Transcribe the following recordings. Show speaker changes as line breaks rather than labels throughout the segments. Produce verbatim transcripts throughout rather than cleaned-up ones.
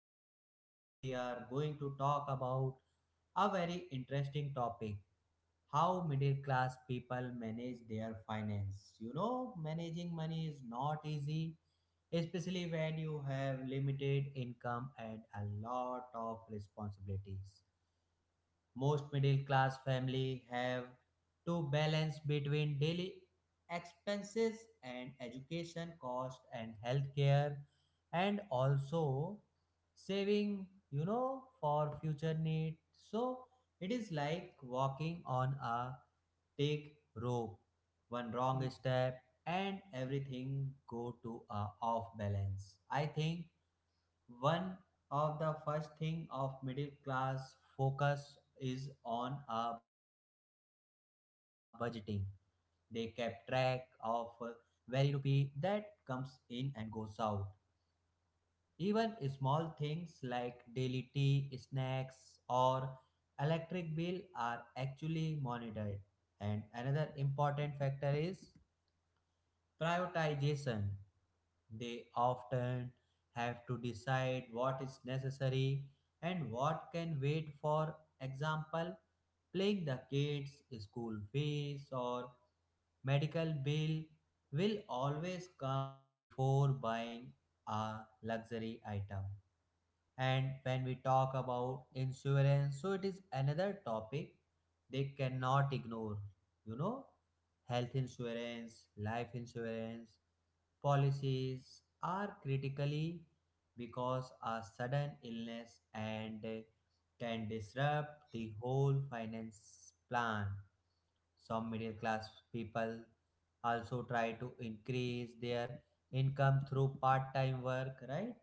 Akhilesh and today we are going to talk about a very interesting topic: how middle class people manage their finance. You know, managing money is not easy, especially when you have limited income and a lot of responsibilities. Most middle class families have to balance between daily expenses and education cost and healthcare and also saving, you know, for future need. So it is like walking on a take rope. One wrong
Mm.
step and everything go to a off balance. I think one of the first thing of middle class focus is on a budgeting. They kept track of uh, every rupee that comes in and goes out. Even small things like daily tea, snacks, or electric bill are actually monitored. And another important factor is prioritization. They often have to decide what is necessary and what can wait. For example, paying the kids' school fees or medical bill will always come before buying a luxury item. And when we talk about insurance, so it is another topic they cannot ignore. You know, health insurance, life insurance, policies are critically because a sudden illness and uh, can disrupt the whole finance plan. Some middle class people also try to increase their income through part time work, right?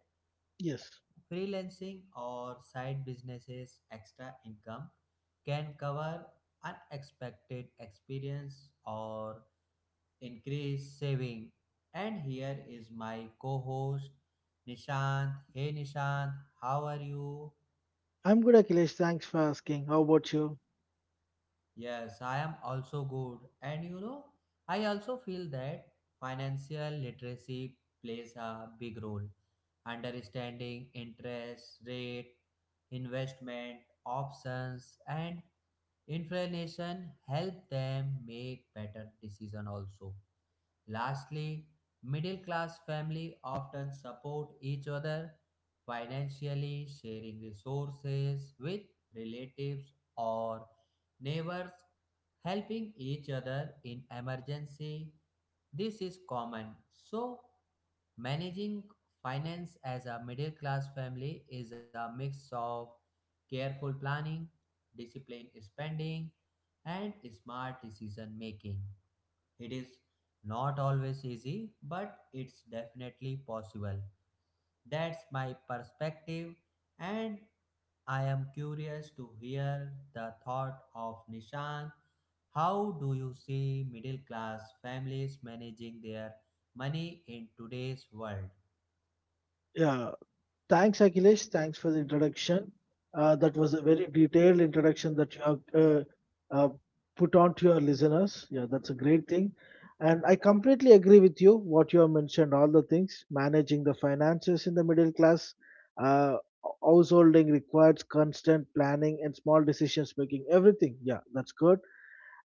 Yes,
Freelancing or side businesses extra income can cover unexpected expense or increase saving. And here is my co-host Nishant. Hey Nishant, how are you?
I'm good, Akhilesh. Thanks for asking. How about you?
Yes, I am also good. And you know, I also feel that financial literacy plays a big role. Understanding interest rate, investment options, and inflation help them make better decision also. Lastly, middle class family often support each other financially, sharing resources with relatives or neighbors helping each other in emergency. This is common. So, managing finance as a middle class family is a mix of careful planning, disciplined spending, and smart decision making. It is not always easy, but it's definitely possible. That's my perspective, and I am curious to hear the thought of Nishant. How do you see middle class families managing their money in today's world?
Yeah, thanks, Akhilesh. Thanks for the introduction. Uh, that was a very detailed introduction that you have uh, uh, put on to your listeners. Yeah, that's a great thing. And I completely agree with you, what you have mentioned, all the things, managing the finances in the middle class. Uh, householding requires constant planning and small decisions making, everything. Yeah, that's good.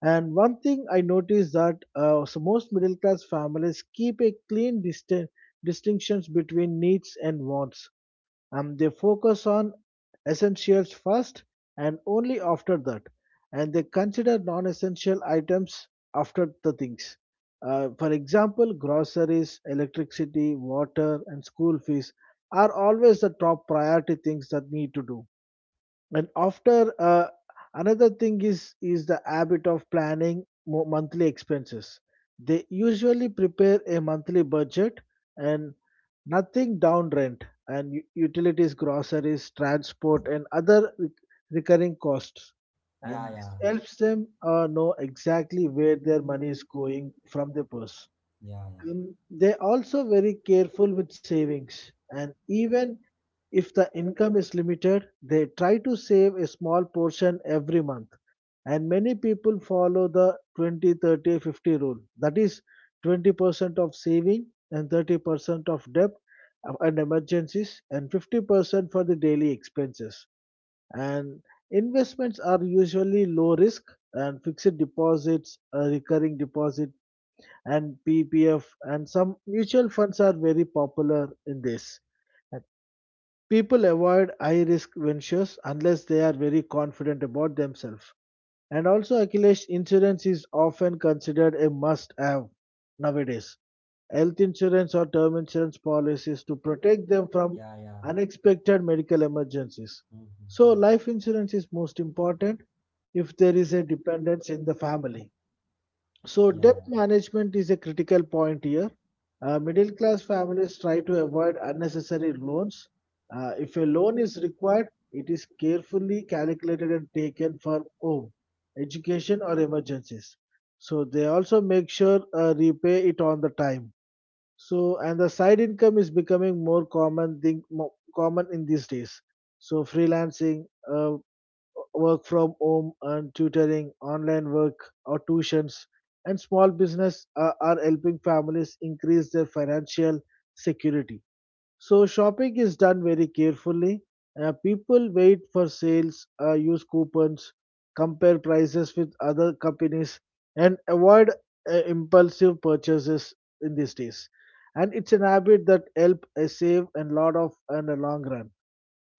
And one thing I noticed that uh, so most middle class families keep a clean distin- distinctions between needs and wants. Um, they focus on essentials first and only after that, and they consider non-essential items after the things. Uh, for example, groceries, electricity, water, and school fees are always the top priority things that need to do, and after uh, another thing is is the habit of planning mo- monthly expenses. They usually prepare a monthly budget and nothing down rent and u- utilities, groceries, transport, and other re- recurring costs,
Yeah,
and
yeah,
helps them uh, know exactly where their money is going from the purse,
yeah, yeah,
and they also very careful with savings. And even if the income is limited, they try to save a small portion every month. And many people follow the twenty, thirty, fifty rule. That is twenty percent of saving and thirty percent of debt and emergencies and fifty percent for the daily expenses. And investments are usually low risk, and fixed deposits, uh, recurring deposits, and P P F and some mutual funds are very popular in this. And people avoid high risk ventures unless they are very confident about themselves. And also, Akhilesh, insurance is often considered a must have nowadays. Health insurance or term insurance policies to protect them from
yeah, yeah.
unexpected medical emergencies. So,
Mhm.
life insurance is most important if there is a dependence in the family. So,
Yeah, yeah,
debt
yeah,
management is a critical point here. Uh, middle class families try to avoid unnecessary loans. Uh, if a loan is required, it is carefully calculated and taken for home, education, or emergencies. So, they also make sure uh, repay it on the time. So, and the side income is becoming more common thing, mo common in these days. So, freelancing, uh, work from home and tutoring, online work or tuitions, and small business are, are helping families increase their financial security. So shopping is done very carefully. Uh, people wait for sales, uh, use coupons, compare prices with other companies, and avoid uh, impulsive purchases in these days. And it's an habit that help uh, save and lot of and a long run.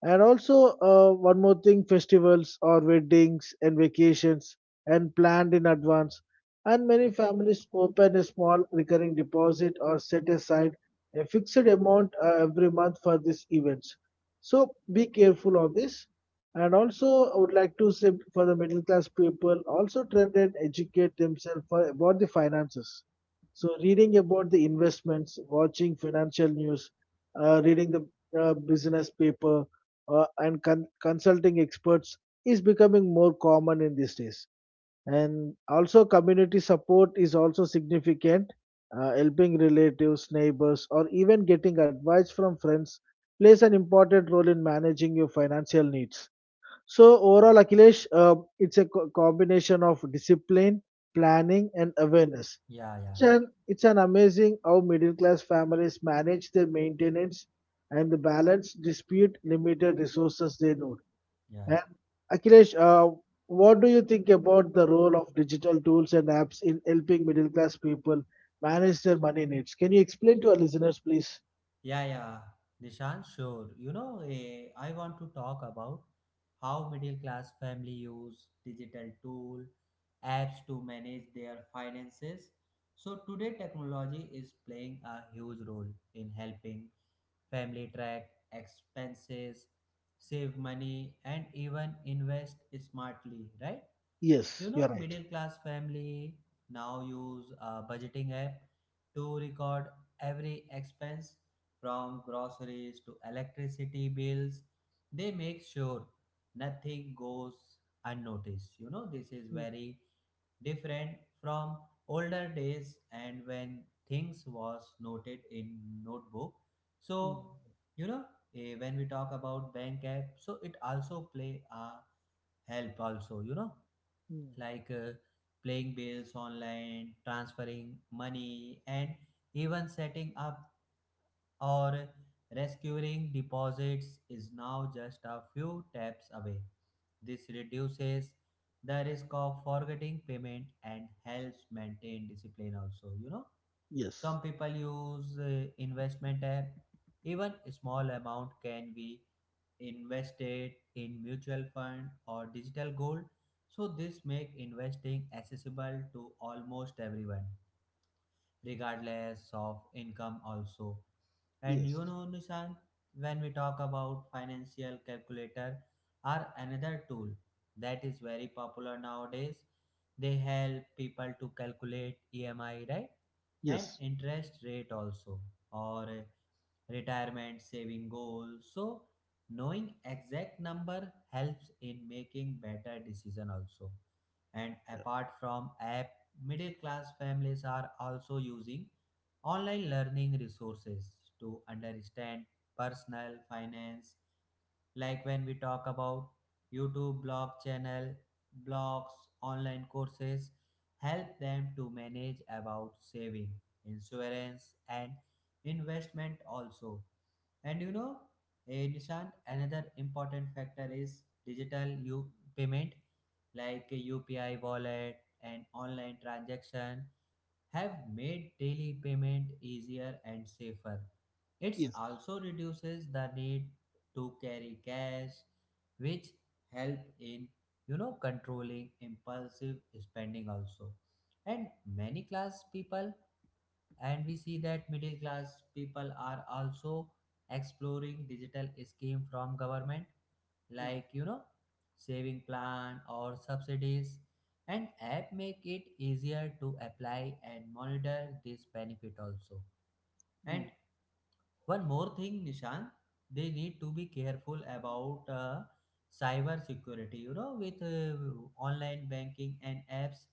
And also, uh, one more thing, festivals or weddings and vacations and planned in advance. And many families open a small recurring deposit or set aside a fixed amount uh, every month for these events. So be careful on this. And also, I would like to say for the middle class people, also try and educate themselves for, about the finances. So, reading about the investments, watching financial news, uh, reading the uh, business paper, uh, and con- consulting experts is becoming more common in these days. And also, community support is also significant. Uh, helping relatives, neighbors, or even getting advice from friends plays an important role in managing your financial needs. So, overall, Akhilesh, uh, it's a co- combination of discipline, planning, and awareness.
yeah, yeah,
It's an, it's an amazing how middle class families manage their maintenance and the balance dispute limited resources they know.
yeah.
And Akhilesh, uh, what do you think about the role of digital tools and apps in helping middle class people manage their money needs? Can you explain to our listeners, please?
Yeah, yeah, Nishan, sure. You know, eh, I want to talk about how middle class family use digital tool apps to manage their finances. So today technology is playing a huge role in helping family track expenses, save money and even invest smartly, right? You
Yes, you're
know,
right.
middle class family now use a budgeting app to record every expense from groceries to electricity bills. They make sure nothing goes unnoticed. You know, this is
Mm,
very different from older days and when things was noted in notebook. So,
mm,
you know, eh, when we talk about bank app, so it also play a help also, you know
mm.
like uh, playing bills online, transferring money, and even setting up or rescuing deposits is now just a few taps away. This reduces the risk of forgetting payment and helps maintain discipline also, you know.
Yes,
Some people use uh, investment app. Even a small amount can be invested in mutual fund or digital gold. So this make investing accessible to almost everyone regardless of income also. And you
yes,
know nishant, when we talk about financial calculator are another tool that is very popular nowadays. They help people to calculate emi, right?
yes,
And interest rate also, or retirement saving goals. So knowing exact number helps in making better decision also. And apart from app, middle class families are also using online learning resources to understand personal finance. Like when we talk about youtube blog channel, blogs, online courses help them to manage about saving, insurance and investment also. And you know, eh, Nishant, another important factor is digital U- payment, like U P I wallet and online transaction have made daily payment easier and safer. It
yes.
also reduces the need to carry cash, which help in you know controlling impulsive spending also. And many class people and we see that middle class people are also exploring digital scheme from government,
Mm,
like you know saving plan or subsidies. And app make it easier to apply and monitor this benefit also.
mm,
And one more thing, Nishan, they need to be careful about uh, cyber security. You know, with uh, online banking and apps,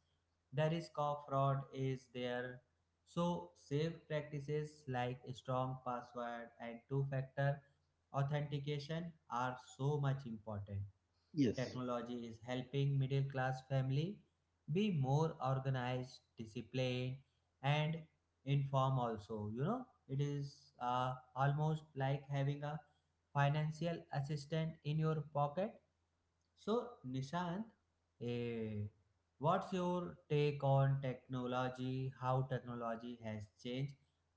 the risk of fraud is there. So, safe practices like strong password and two factor authentication are so much important.
yes.
Technology is helping middle class family be more organized, disciplined, and informed also. You know, it is uh, almost like having a financial assistant in your pocket. So, Nishant, eh, what's your take on technology? How technology has changed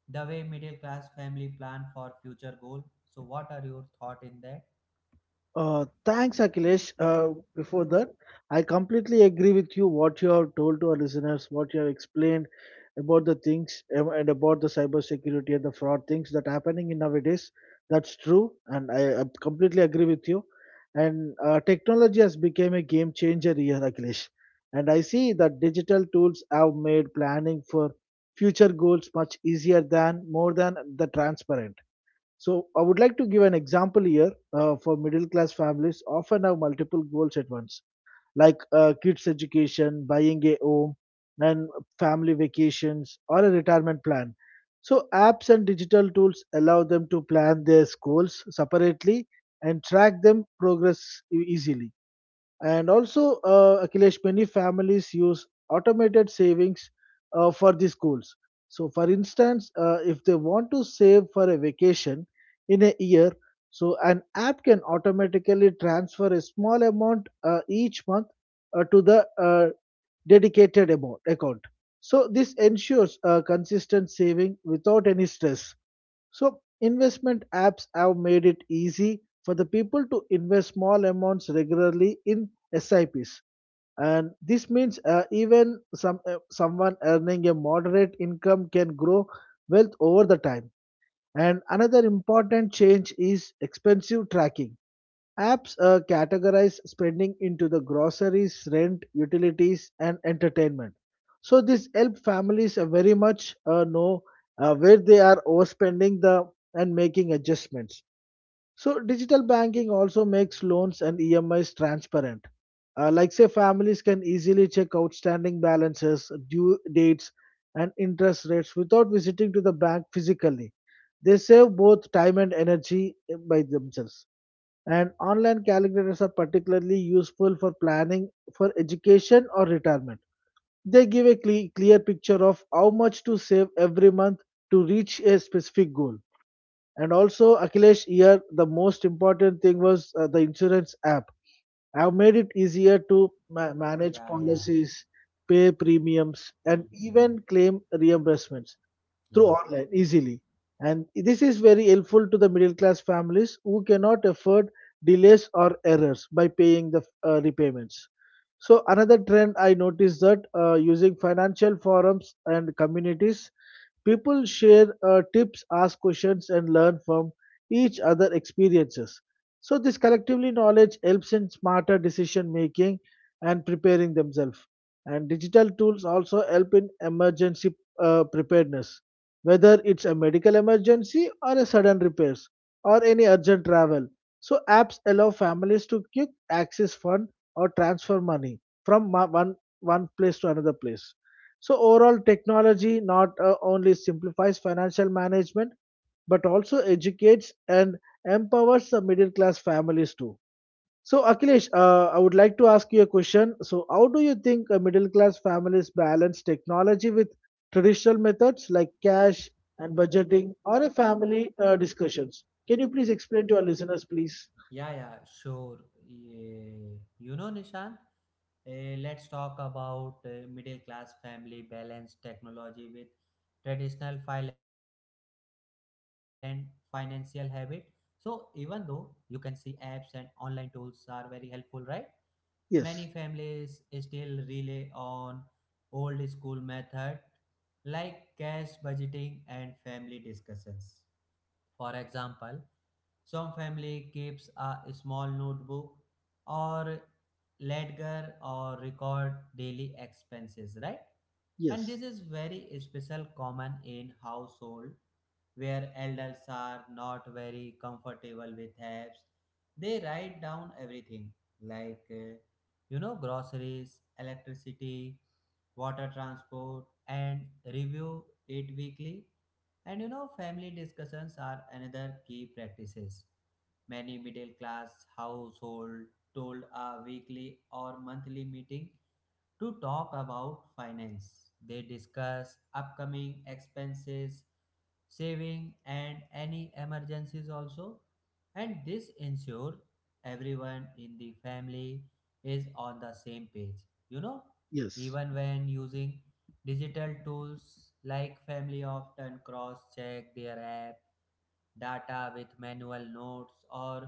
the way middle class family plan for future goal? So, what are your thought in that?
Uh, thanks, Akhilesh. Uh, before that, I completely agree with you what you have told to our listeners, what you have explained about the things um, and about the cybersecurity and the fraud things that are happening in nowadays. That's true, and I, I completely agree with you. And uh, technology has become a game changer here, Akhilesh. And I see that digital tools have made planning for future goals much easier than more than the transparent. So I would like to give an example here, uh, for middle class families often have multiple goals at once, like uh, kids' education, buying a home, and family vacations or a retirement plan. So apps and digital tools allow them to plan their goals separately and track them progress e- easily. And also, uh, Akhilesh, many families use automated savings uh, for the schools. So, for instance, uh, if they want to save for a vacation in a year, so an app can automatically transfer a small amount uh, each month uh, to the uh, dedicated amount account. So, this ensures uh, consistent saving without any stress. So, investment apps have made it easy for the people to invest small amounts regularly in S I Ps. And this means uh, even some uh, someone earning a moderate income can grow wealth over the time. And another important change is expensive tracking. Apps uh, categorize spending into the groceries, rent, utilities, and entertainment. So this help families uh, very much uh, know uh, where they are overspending the and making adjustments. So digital banking also makes loans and E M Is transparent. Uh, like say families can easily check outstanding balances, due dates, and interest rates without visiting to the bank physically. They save both time and energy uh, by themselves. And online calculators are particularly useful for planning for education or retirement. They give a cle- clear picture of how much to save every month to reach a specific goal. And also, Akhilesh, here the most important thing was uh, the insurance app. I've made it easier to ma- manage
Yeah, yeah.
policies, pay premiums, and
Mm-hmm.
even claim reimbursements through
Yeah.
online easily. And this is very helpful to the middle class families who cannot afford delays or errors by paying the uh, repayments. So another trend I noticed that uh, using financial forums and communities. People share uh, tips, ask questions, and learn from each other experiences. So this collectively knowledge helps in smarter decision making and preparing themselves. And digital tools also help in emergency uh, preparedness, whether it's a medical emergency or a sudden repairs or any urgent travel. So apps allow families to quick access fund or transfer money from ma- one one place to another place. So overall, technology not uh, only simplifies financial management but also educates and empowers the middle class families too. So Akhilesh, uh, I would like to ask you a question. So how do you think uh, middle class families balance technology with traditional methods like cash and budgeting or a family uh, discussions? Can you please explain to our listeners, please?
Yeah, yeah, sure. Yeah. You know, Nishan, eh, let's talk about eh, middle class family balance technology with traditional finan- financial habit. So, even though you can see apps and online tools are very helpful, right? Many
Yes,
families still rely on old school method like cash budgeting and family discussions. For example, some family keeps a small notebook or ledger or record daily expenses, right? And
yes,
this is very special common in household where elders are not very comfortable with apps. They write down everything like uh, you know groceries, electricity, water transport and review it weekly. And you know, family discussions are another key practices. Many middle class household hold a weekly or monthly meeting to talk about finance. They discuss upcoming expenses, saving, and any emergencies also. And this ensures everyone in the family is on the same page. You know,
yes,
even when using digital tools, like family often cross check their app data with manual notes or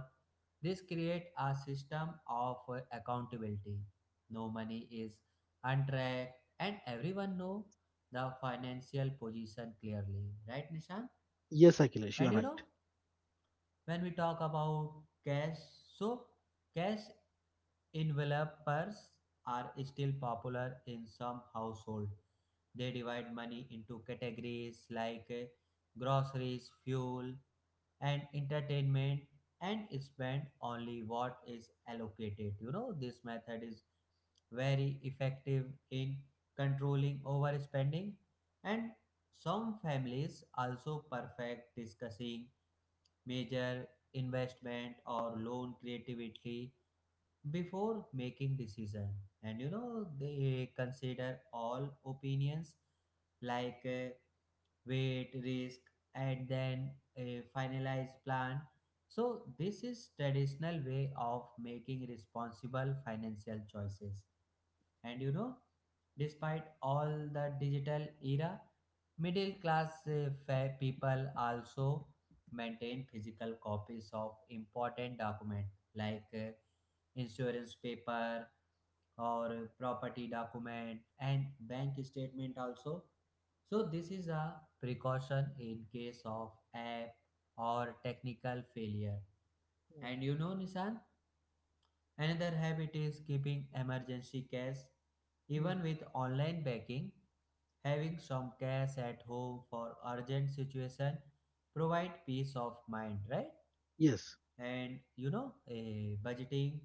this create a system of accountability. No money is and track, and everyone know the financial position clearly, right nishant?
yes, Akhilesh, you
And
are
you know
right.
when we talk about cash, so cash envelopers are still popular in some household. They divide money into categories like eh, groceries fuel and entertainment and spend only what is allocated. You know, this method is very effective in controlling overspending. And some families also perfect discussing major investment or loan creatively before making decision. And you know they consider all opinions like uh, weight, risk, and then a finalized plan. So this is traditional way of making responsible financial choices. And you know, despite all the digital era, middle class uh, fa- people also maintain physical copies of important documents like uh, insurance paper, or property document and bank statement also. So this is a precaution in case of app or technical failure.
Mm,
And you know, Nishan, another habit is keeping emergency cash.
mm.
Even with online banking, having some cash at home for urgent situation provide peace of mind, right?
Yes.
And you know a budgeting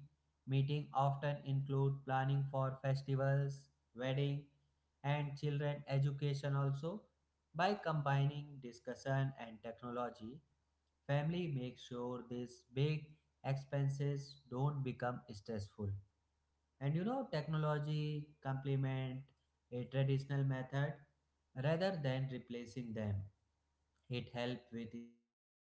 meeting often include planning for festivals, wedding and children education also. By combining discussion and technology, family makes sure these big expenses don't become stressful. And you know technology complement a traditional method rather than replacing them. It helps with speed,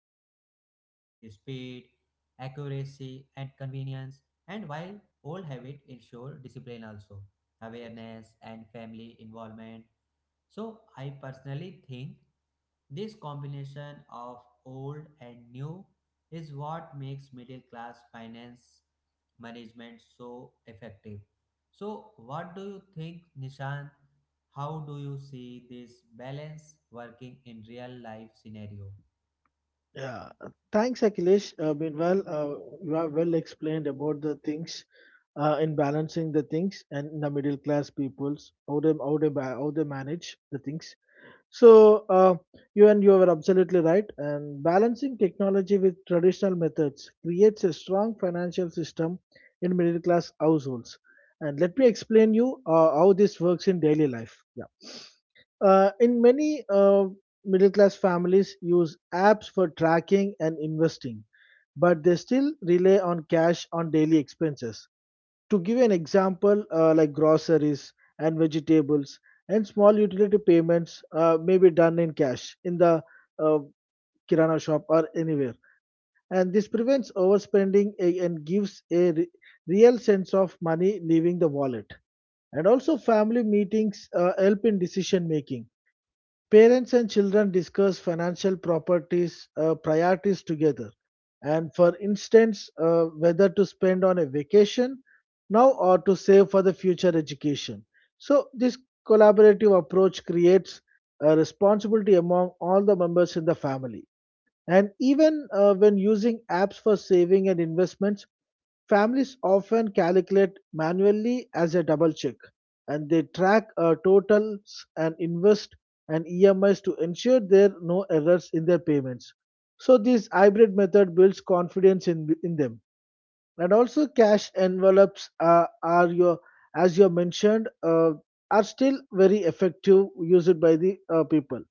accuracy, and convenience. And while old habits ensure discipline also, awareness and family involvement. So I personally think this combination of old and new is what makes middle class finance management so effective. So what do you think Nishan? How do you see this balance working in real life scenario?
Yeah, thanks, Akhilesh. Uh, meanwhile, uh, you have well explained about the things uh, in balancing the things and the middle class peoples how they how they ba- how they manage the things. So uh, you and you are absolutely right. And balancing technology with traditional methods creates a strong financial system in middle class households. And let me explain you uh, how this works in daily life. Yeah. Uh, in many uh, middle class families use apps for tracking and investing, but they still rely on cash on daily expenses. To give an example, uh, like groceries and vegetables and small utility payments uh, may be done in cash in the uh, kirana shop or anywhere. And this prevents overspending a- and gives a re- real sense of money leaving the wallet. And also, family meetings uh, help in decision making. Parents and children discuss financial properties uh, priorities together, and for instance, uh, whether to spend on a vacation now or to save for the future education. So this collaborative approach creates a responsibility among all the members in the family. And even uh, when using apps for saving and investments, families often calculate manually as a double check, and they track uh, totals and invest and E M Is to ensure there are no errors in their payments. So, this hybrid method builds confidence in, in them. And also, cash envelopes uh, are your, as you mentioned, uh, are still very effective used by the uh, people.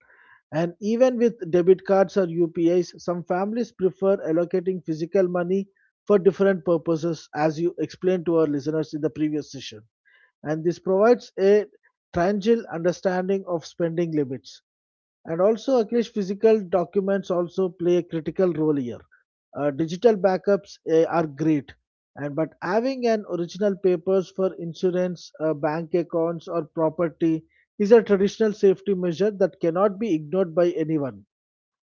And even with debit cards or U P Is, some families prefer allocating physical money for different purposes, as you explained to our listeners in the previous session. And this provides a tangible understanding of spending limits. And also, Akhilesh, physical documents also play a critical role here. Uh, digital backups eh, are great, and but having an original papers for insurance, uh, bank accounts, or property is a traditional safety measure that cannot be ignored by anyone.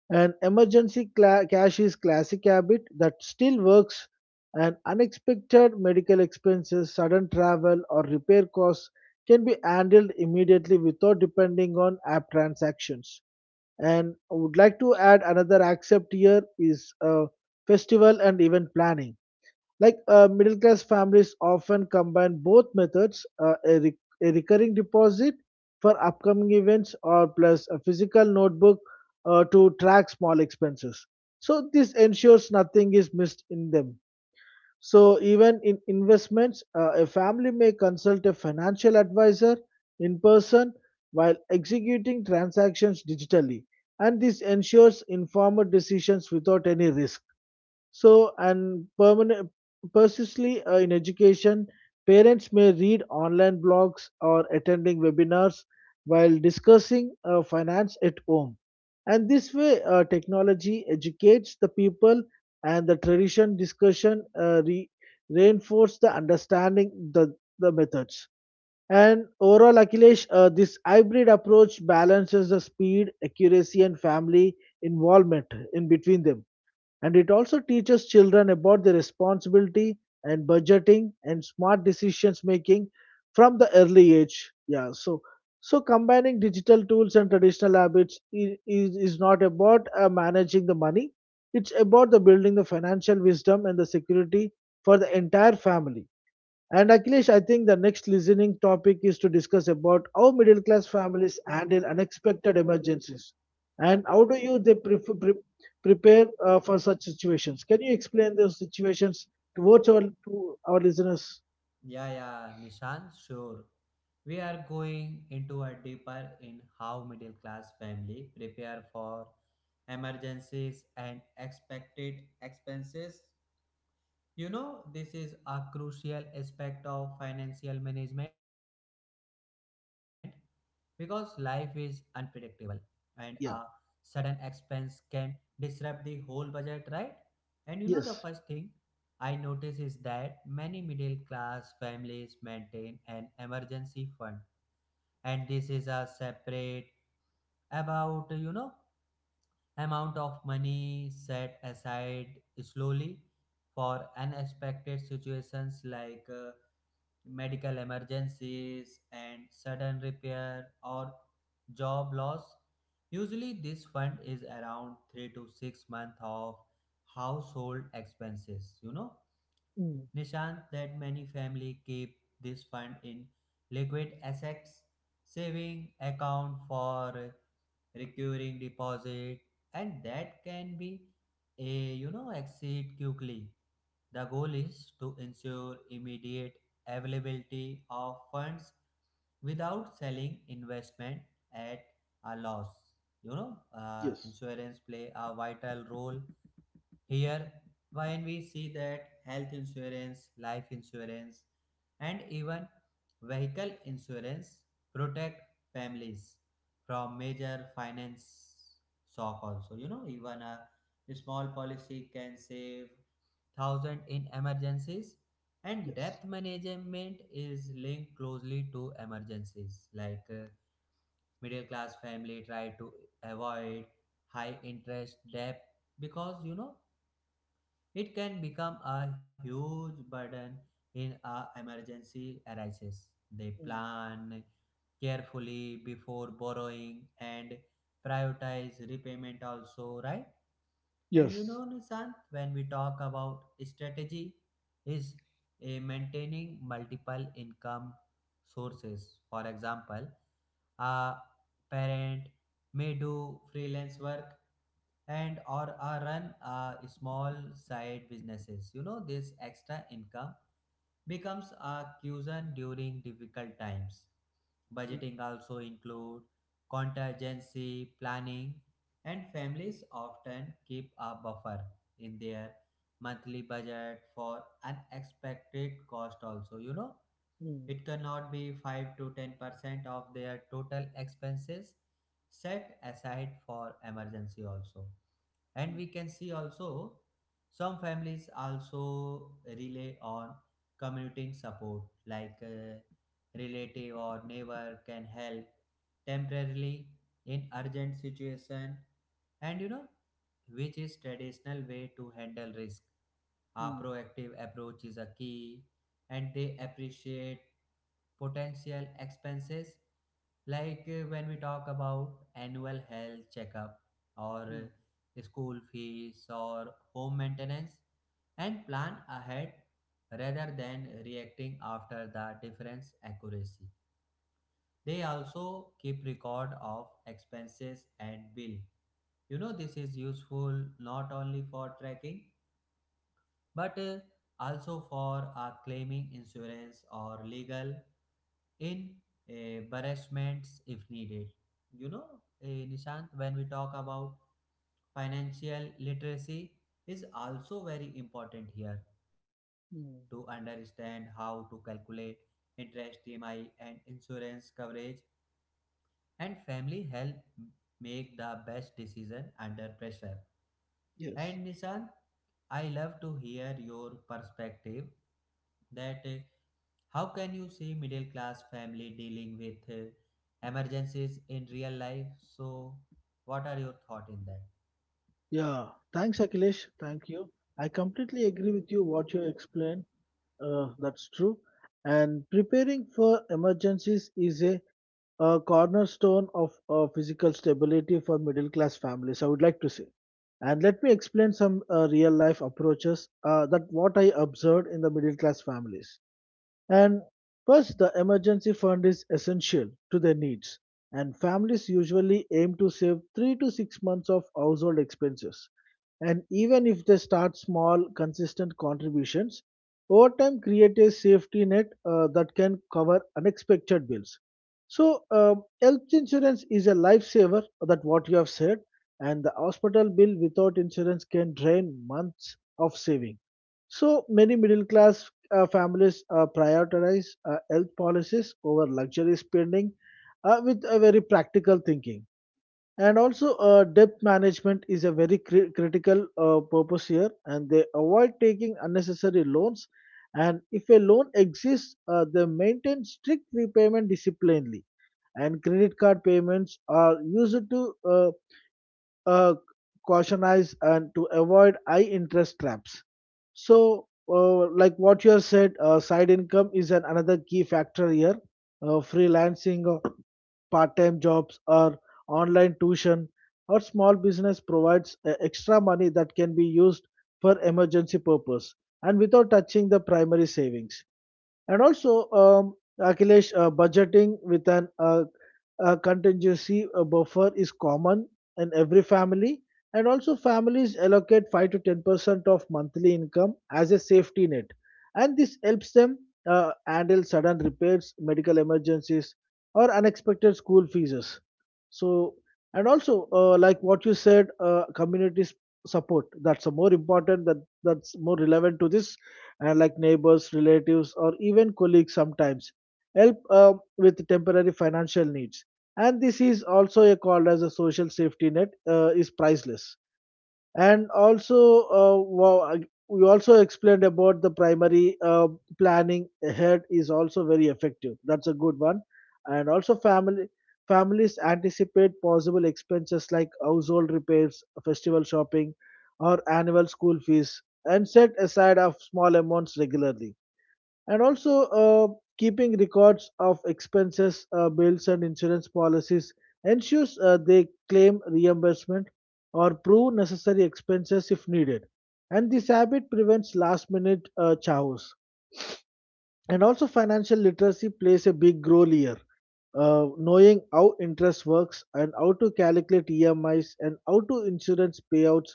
An emergency cla- cash is classic habit that still works, and unexpected medical expenses, sudden travel or repair costs can be handled immediately without depending on app transactions. And I would like to add another accept here is uh, festival and event planning. Like uh, middle class families often combine both methods uh, a, re- a recurring deposit for upcoming events or plus a physical notebook uh, to track small expenses. So this ensures nothing is missed in them. So even in investments, uh, a family may consult a financial advisor in person while executing transactions digitally, and this ensures informed decisions without any risk. So, and permanent, persistently uh, in education, parents may read online blogs or attending webinars while discussing uh, finance at home. And this way, uh, technology educates the people, and the tradition discussion uh, re- reinforce the understanding the the methods. And overall, Akhilesh, uh, this hybrid approach balances the speed, accuracy, and family involvement in between them. And it also teaches children about the responsibility and budgeting and smart decisions making from the early age. Yeah, so so combining digital tools and traditional habits i- is, is not about uh, managing the money. It's about the building the financial wisdom and the security for the entire family. And Akhilesh, I think the next listening topic is to discuss about how middle class families handle unexpected emergencies and how do you they pref- pre- prepare uh, for such situations. Can you explain those situations towards our to our listeners?
Yeah, yeah, Nishan, sure. We are going into a deeper in how middle class family prepare for emergencies and expected expenses. You know, this is a crucial aspect of financial management because life is unpredictable and a sudden
Yeah.
expense can disrupt the whole budget, right? And you know the
Yes.
first thing I notice is that many middle class families maintain an emergency fund. And this is a separate, about you know amount of money set aside slowly for unexpected situations like uh, medical emergencies and sudden repair or job loss. Usually this fund is around three to six months of household expenses, you know.
Mm.
Nishant, that many family keep this fund in liquid assets saving account for recurring deposit, and that can be a you know exceed quickly. The goal is to ensure immediate availability of funds without selling investment at a loss. you know uh,
Yes.
insurance play a vital role here, when we see that health insurance, life insurance, and even vehicle insurance protect families from major finance shock also. you know even a small policy can save thousand in emergencies. And
Yes.
debt management is linked closely to emergencies, like uh, middle class family try to avoid high interest debt because you know it can become a huge burden in a emergency arises. They
Mm.
plan carefully before borrowing and prioritize repayment also, right? And you
Yes.
know, Nishant, when we talk about strategy, is a maintaining multiple income sources. For example, a parent may do freelance work and or, or run uh, small side businesses. You know, this extra income becomes a cushion during difficult times.
Mm.
Budgeting also include contingency planning, and families often keep a buffer in their monthly budget for unexpected cost also, you know,
Mm.
it cannot be five to ten percent of their total expenses set aside for emergency also. And
Mm.
we can see also some families also rely on commuting support, like a relative or neighbor can help temporarily in urgent situation. And you know, which is traditional way to handle risk. A
Mm.
proactive approach is a key, and they appreciate potential expenses like uh, when we talk about annual health checkup or
Mm.
uh, school fees or home maintenance, and plan ahead rather than reacting after the difference accuracy. They also keep record of expenses and bill. You know, this is useful not only for tracking, but uh, also for uh, claiming insurance or legal in uh, embarrassments if needed. You know, uh, Nishant, when we talk about financial literacy, is also very important here to
Mm.
understand how to calculate interest, E M I, and insurance coverage, and family help make the best decision under pressure.
Yes.
And Nishan, I love to hear your perspective that uh, how can you see middle class family dealing with uh, emergencies in real life? So what are your thought in that?
Yeah. Thanks, Akhilesh. Thank you. I completely agree with you what you explained. Uh, that's true. And preparing for emergencies is a, uh cornerstone of uh, physical stability for middle class families, I would like to say. And let me explain some uh, real life approaches uh, that what I observed in the middle class families. And first, the emergency fund is essential to their needs, and families usually aim to save three to six months of household expenses. And even if they start small, consistent contributions over time create a safety net uh, that can cover unexpected bills. So, um, health insurance is a lifesaver, that what you have said, and the hospital bill without insurance can drain months of saving. So many middle class uh, families uh, prioritize uh, health policies over luxury spending uh, with a very practical thinking. And also, uh, debt management is a very cri- critical uh, purpose here, and they avoid taking unnecessary loans. And if a loan exists, uh, they maintain strict repayment disciplinely. And credit card payments are used to uh, uh, cautionize and to avoid high interest traps. So, uh, like what you have said, uh, side income is an another key factor here. Uh, freelancing, uh, part-time jobs, or online tuition or small business provides uh, extra money that can be used for emergency purpose and without touching the primary savings. And also, um, Akhilesh, uh, budgeting with an uh, a contingency uh, buffer is common in every family, and also families allocate five to ten percent of monthly income as a safety net. And this helps them uh, handle sudden repairs, medical emergencies, or unexpected school fees. So, and also, uh, like what you said, uh, community s- support, that's a more important, that that's more relevant to this, and like neighbors, relatives, or even colleagues sometimes help uh, with temporary financial needs, and this is also a called as a social safety net uh, is priceless. And also, uh, wow, I- we also explained about the primary uh, planning ahead is also very effective, that's a good one. And also family families anticipate possible expenses like household repairs, festival shopping, or annual school fees and set aside of small amounts regularly. And also, uh, keeping records of expenses, uh, bills, and insurance policies ensures uh, they claim reimbursement or prove necessary expenses if needed. And this habit prevents last minute uh, chaos. And also, financial literacy plays a big role here. Uh, knowing how interest works and how to calculate E M Is and how to insurance payouts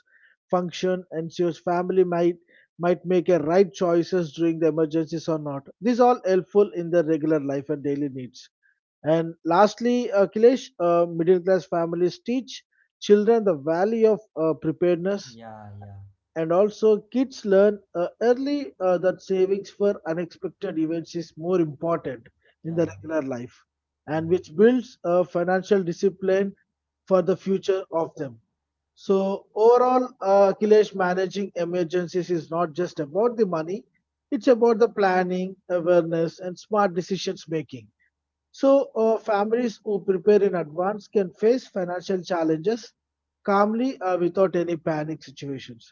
function ensures family might might make a right choices during the emergencies or not. These all helpful in their regular life and daily needs. And lastly, uh, Kilesh, uh, middle class families teach children the value of uh, preparedness,
Yeah, yeah,
and also kids learn uh, early uh, that savings for unexpected events is more important in
yeah,
the
yeah,
regular life,
yeah,
and
yeah.
which builds uh, financial discipline for the future of them. So overall, uh, Akhilesh, managing emergencies is not just about the money. It's about the planning, awareness, and smart decisions making. So uh, families who prepare in advance can face financial challenges calmly uh, without any panic situations.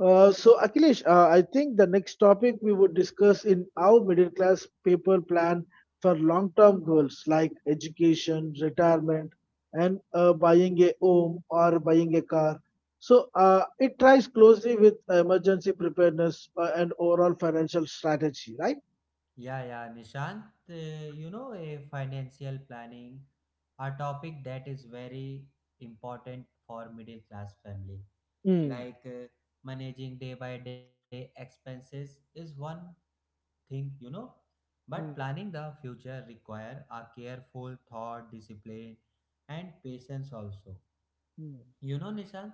Uh, so Akhilesh, uh, I think the next topic we would discuss in our middle class paper plan for long-term goals like education, retirement, and uh, buying a home or buying a car. So uh, it ties closely with emergency preparedness uh, and overall financial strategy, right?
Yeah, yeah, Nishant, uh, you know, a financial planning, a topic that is very important for middle class family.
Mm,
Like uh, managing day by day expenses is one thing, you know. But
mm,
planning the future require a careful thought, discipline, and patience also.
mm,
You know, Nishan,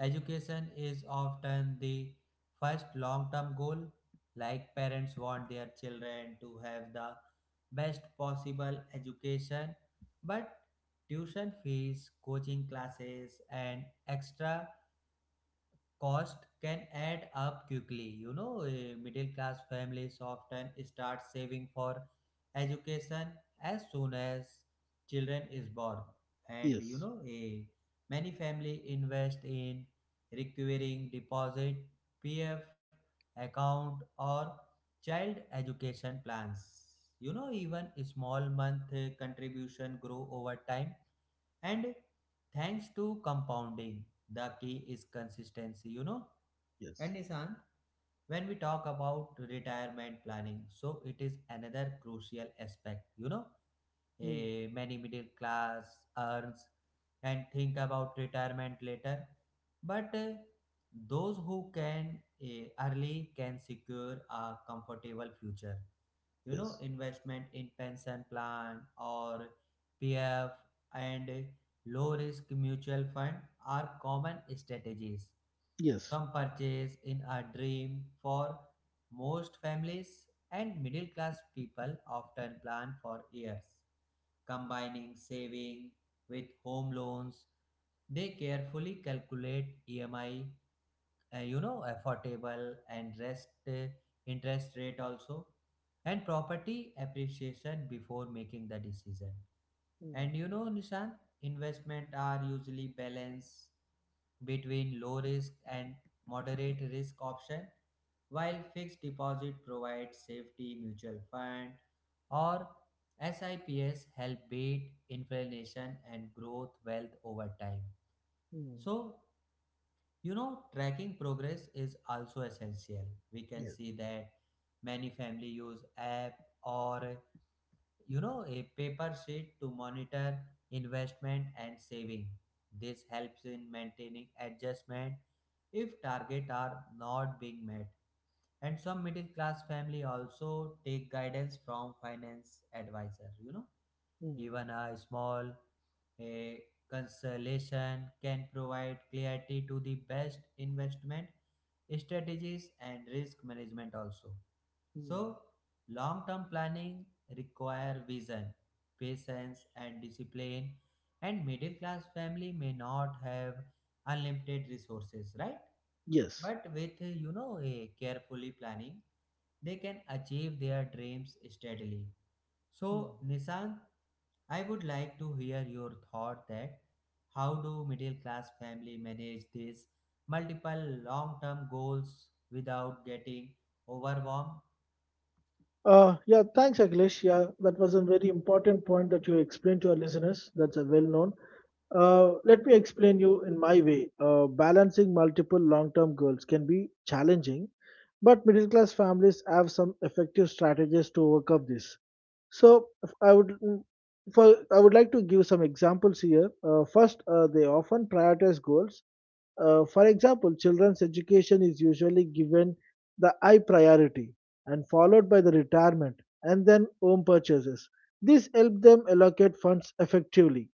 education is often the first long-term goal. Like parents want their children to have the best possible education, but tuition fees, coaching classes, and extra cost can add up quickly. You know, eh, middle class families often start saving for education as soon as children is born, and you
yes,
know, a many family invest in recurring deposit, P F account, or child education plans. You know, even small month eh, contribution grow over time and thanks to compounding, the key is consistency, you know.
yes,
And Nishan, when we talk about retirement planning, so it is another crucial aspect. You know,
mm,
eh, many middle class earns and think about retirement later, but eh, those who can eh, early can secure a comfortable future. You know,
yes,
investment in pension plan or PF and low risk mutual fund are common strategies.
yes,
Some purchase in a dream for most families, and middle class people often plan for years combining saving with home loans. They carefully calculate EMI, uh, you know, affordable and rest uh, interest rate also, and property appreciation before making the decision.
mm,
And you know, Nishan, investment are usually balanced between low risk and moderate risk option. While fixed deposit provides safety, mutual fund or SIPs help beat inflation and growth wealth over time.
mm,
So you know, tracking progress is also essential. We can
yes,
see that many family use app or you know a paper sheet to monitor investment and saving. This helps in maintaining adjustment if target are not being met. And some middle class family also take guidance from finance advisor, you know.
mm,
Even a small a consolation can provide clarity to the best investment strategies and risk management also.
mm,
So, long-term planning require vision, patience and discipline, and middle class family may not have unlimited resources, right?
yes.
But with you know a carefully planning, they can achieve their dreams steadily. So, Nishant, I would like to hear your thought that how do middle class family manage these multiple long-term goals without getting overwhelmed?
Uh, yeah, thanks, Akhilesh. Yeah, that was a very important point that you explained to our listeners. That's a well known. Uh, let me explain you in my way. Uh, balancing multiple long term goals can be challenging, but middle class families have some effective strategies to overcome this. So, if I would mm, for I would like to give some examples here. Uh, first, uh, they often prioritize goals. Uh, for example, children's education is usually given the I priority and followed by the retirement and then home purchases. This helps them allocate funds effectively.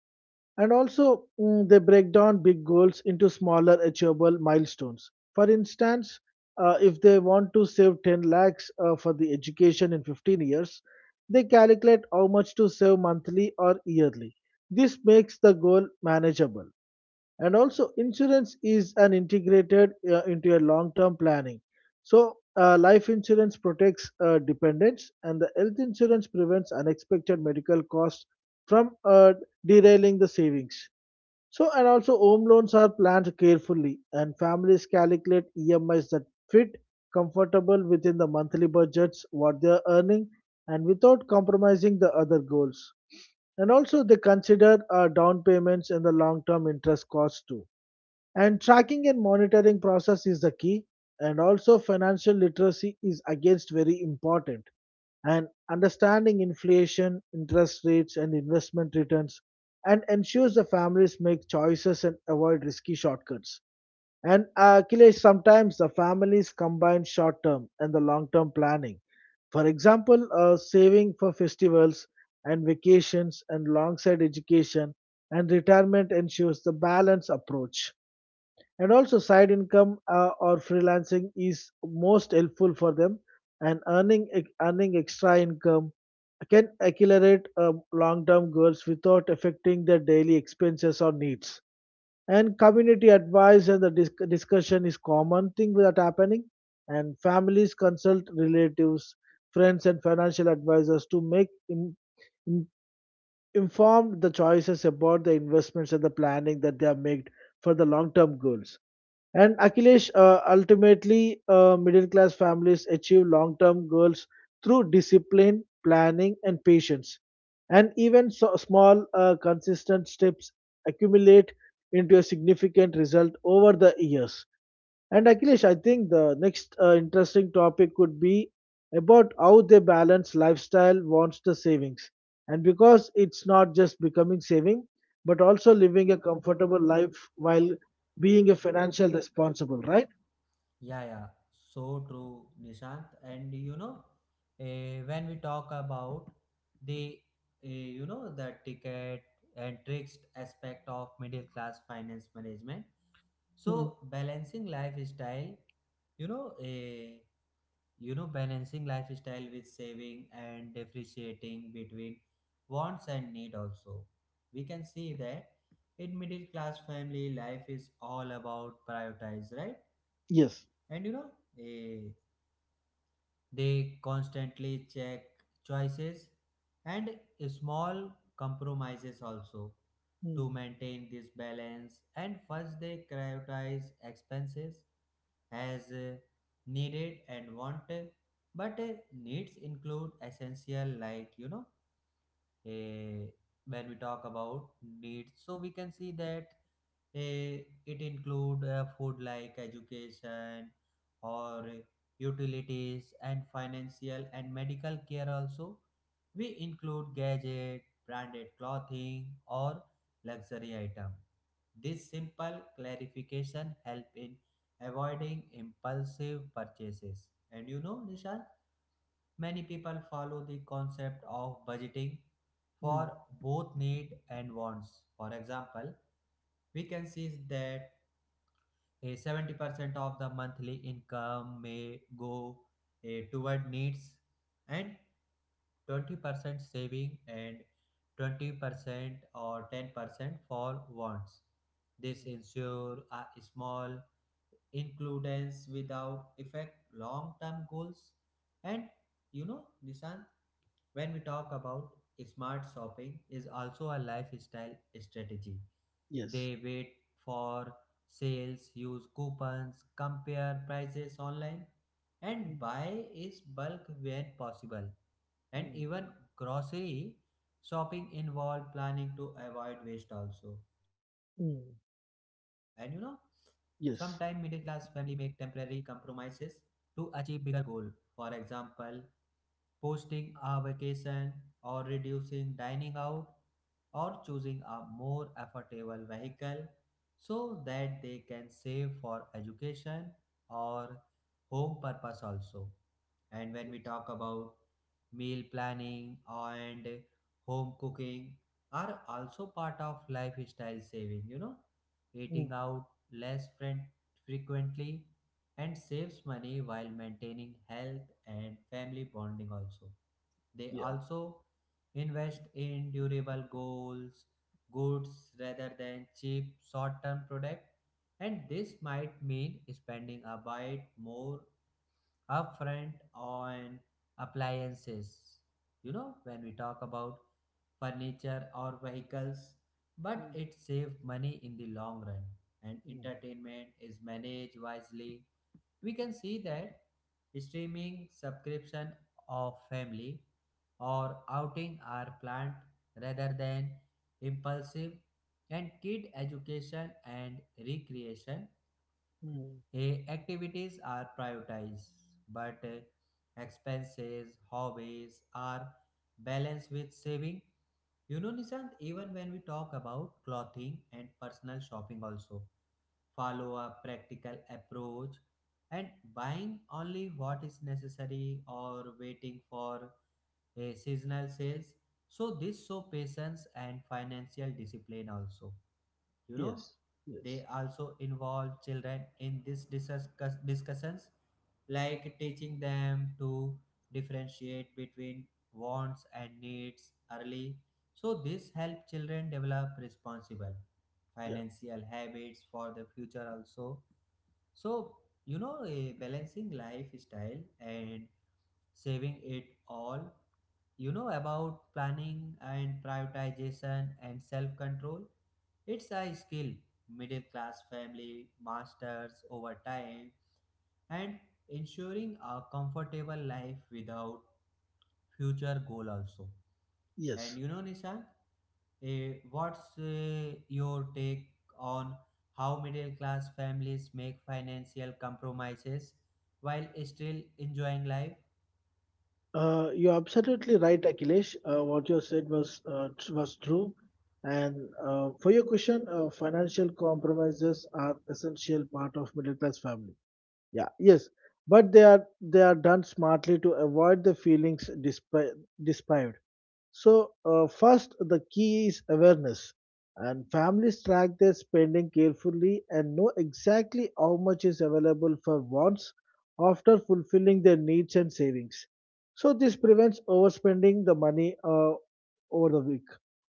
And also, mm, they break down big goals into smaller, achievable milestones. For instance, uh, if they want to save ten lakhs uh, for the education in fifteen years, they calculate how much to save monthly or yearly. This makes the goal manageable. And also insurance is an integrated uh, into your long term planning. So uh, life insurance protects uh, dependents and the health insurance prevents unexpected medical costs from uh, derailing the savings. So, and also home loans are planned carefully, and families calculate E M Is that fit comfortable within the monthly budgets, what they are earning, and without compromising the other goals. And also, they consider uh, down payments and the long term interest costs too. And tracking and monitoring process is the key. And also, financial literacy is against very important, and understanding inflation, interest rates, and investment returns, and ensures the families make choices and avoid risky shortcuts. And uh, Akhilesh, sometimes the families combine short term and the long term planning. For example, uh, saving for festivals and vacations and alongside education and retirement ensures the balanced approach. And also side income uh, or freelancing is most helpful for them, and earning e, earning extra income can accelerate um, long-term goals without affecting their daily expenses or needs. And community advice and the dis- discussion is common thing that happening, and families consult relatives, friends, and financial advisors to make im- informed the choices about the investments and the planning that they have made for the long-term goals. And Akhilesh, uh, ultimately, uh, middle-class families achieve long-term goals through discipline, planning, and patience. And even so, small, uh, consistent steps accumulate into a significant result over the years. And Akhilesh, I think the next uh, interesting topic could be about how they balance lifestyle wants the savings. And because it's not just becoming saving, but also living a comfortable life while being a financial responsible, right?
Yeah, yeah, so true, Nishant. And you know, eh, when we talk about the eh, you know the ticket and tricks aspect of middle class finance management,
Mm,
so balancing lifestyle, you know, eh, you know, balancing lifestyle with saving and differentiating between wants and need also. We can see that in middle class family, life is all about prioritize, right?
yes,
And you know, eh, they constantly check choices and small compromises also
mm,
to maintain this balance. And first they prioritize expenses as uh, needed and wanted, but uh, needs include essential, like you know, uh, when we talk about needs, so we can see that Eh, it include uh, food, like education or utilities and financial and medical care also. We include gadget, branded clothing or luxury item. This simple clarification help in avoiding impulsive purchases. And you know, Nishant, many people follow the concept of budgeting
mm,
for both need and wants. For example, we can see that a seventy percent of the monthly income may go eh, toward needs, and twenty percent saving, and twenty percent or ten percent for wants. This
mm,
ensure a small inclusions without affect long-term goals. And you know, Nishant, when we talk about smart shopping is also a lifestyle strategy.
yes,
They wait for sales, use coupons, compare prices online, and
mm,
buy is bulk when possible. And
mm,
even grocery shopping involve planning to avoid waste also. And you know,
mm,
sometimes middle class family make
yes,
temporary compromises to achieve bigger goal. For example, posting a vacation or reducing dining out or choosing a more affordable vehicle so that they can save for education or home purpose also. And when we talk about meal planning and home cooking are also part of lifestyle saving. You know, eating
mm,
out less friend frequently and saves money while maintaining health and family bonding also. They
yeah,
also invest in durable goals, goods rather than cheap short-term product, and this might mean spending a bit more upfront on appliances. You know, when we talk about furniture or vehicles, but
mm,
it saves money in the long run. And
mm,
entertainment is managed wisely. We can see that streaming subscription of family or outing are planned rather than impulsive. And kid education and recreation
mm,
eh, activities are prioritized, but eh, expenses hobbies are balanced with saving. You know, Nishant, even when we talk about clothing and personal shopping also follow a practical approach, and buying only what is necessary or waiting for a seasonal sales. So this show patience and financial discipline also. You know,
yes, yes,
they also involve children in these discuss- discussions, like teaching them to differentiate between wants and needs early, so this helps children develop responsible
yeah,
financial habits for the future also. So, you know, a balancing lifestyle and saving it all, you know, about planning and prioritization and self control. It's a skill middle class family masters over time, and ensuring a comfortable life without future goal also. And
yes.
you know, Nishant, eh, what's eh, your take on how middle class families make financial compromises while still enjoying life?
Uh, you're absolutely right, Akhilesh. Uh, what you said was uh, tr- was true. And uh, for your question, uh, financial compromises are essential part of middle class family. Yeah, yes, but they are they are done smartly to avoid the feelings despi- despised. So, uh, first, the key is awareness, and families track their spending carefully and know exactly how much is available for wants after fulfilling their needs and savings. So, this prevents overspending the money uh, over the week.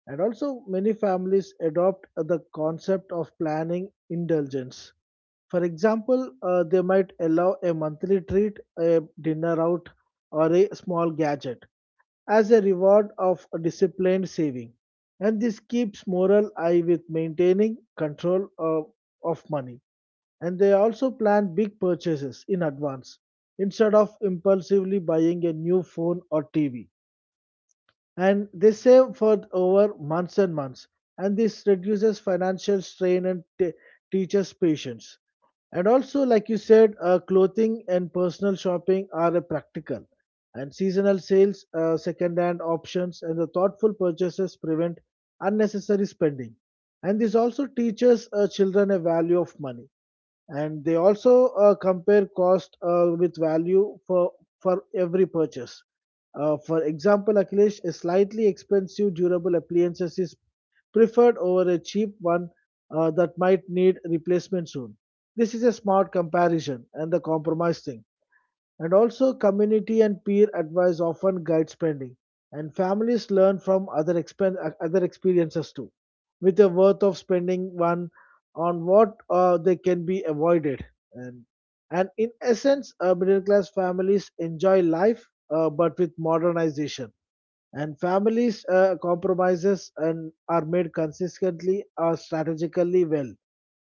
And also, many families adopt the concept of planning indulgence. For example, uh, they might allow a monthly treat, a dinner out, or a small gadget as a reward of disciplined saving. And this keeps moral eye with maintaining control of, of money. And they also plan big purchases in advance instead of impulsively buying a new phone or T V. And they save for over months and months. And this reduces financial strain and t- teaches patience. And also, like you said, uh, clothing and personal shopping are a practical, and seasonal sales, uh, second-hand options, and the thoughtful purchases prevent unnecessary spending. And this also teaches uh, children a value of money. And they also uh, compare cost uh, with value for for every purchase. Uh, for example, Akhilesh, a slightly expensive durable appliances is preferred over a cheap one uh, that might need replacement soon. This is a smart comparison and the compromise thing. And also, community and peer advice often guide spending, and families learn from other, expen- uh, other experiences too, with a worth of spending one on what uh, they can be avoided. And, and in essence, uh, middle class families enjoy life uh, but with modernization. And families' uh, compromises and are made consistently or strategically well,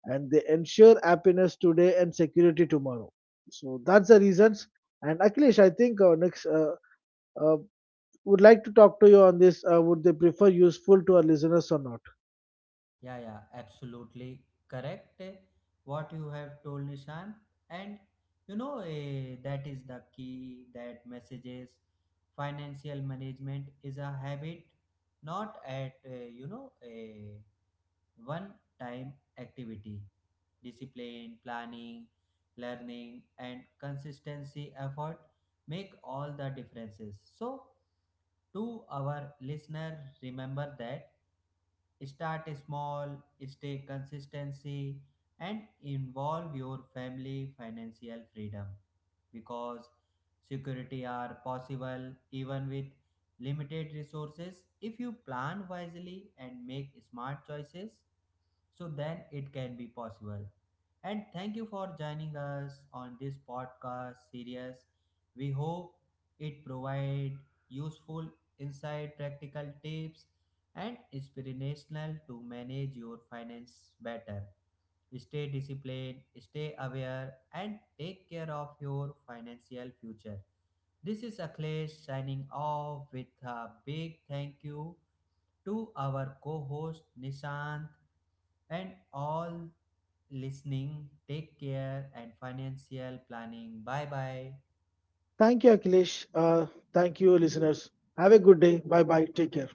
and they ensure happiness today and security tomorrow. So that's the reasons. And Akhilesh, I think uh, next uh, uh, would like to talk to you on this. Uh, would they prefer useful to our listeners or not?
Yeah, yeah, absolutely correct. eh, What you have told, Nishan. And you know, eh, that is the key that messages financial management is a habit, not at, eh, you know, a one time activity. Discipline, planning, learning, and consistency effort make all the differences. So, to our listener, remember that. Start small, stay consistency, and involve your family financial freedom, because security are possible even with limited resources if you plan wisely and make smart choices, so then it can be possible. And thank you for joining us on this podcast series. We hope it provide useful insight, practical tips, and inspirational to manage your finance better. Stay disciplined, stay aware, and take care of your financial future. This is Akhilesh signing off with a big thank you to our co-host Nishant and all listening. Take care and financial planning. Bye bye.
Thank you, Akhilesh. Uh, thank you, listeners. Have a good day. Bye bye. Take care.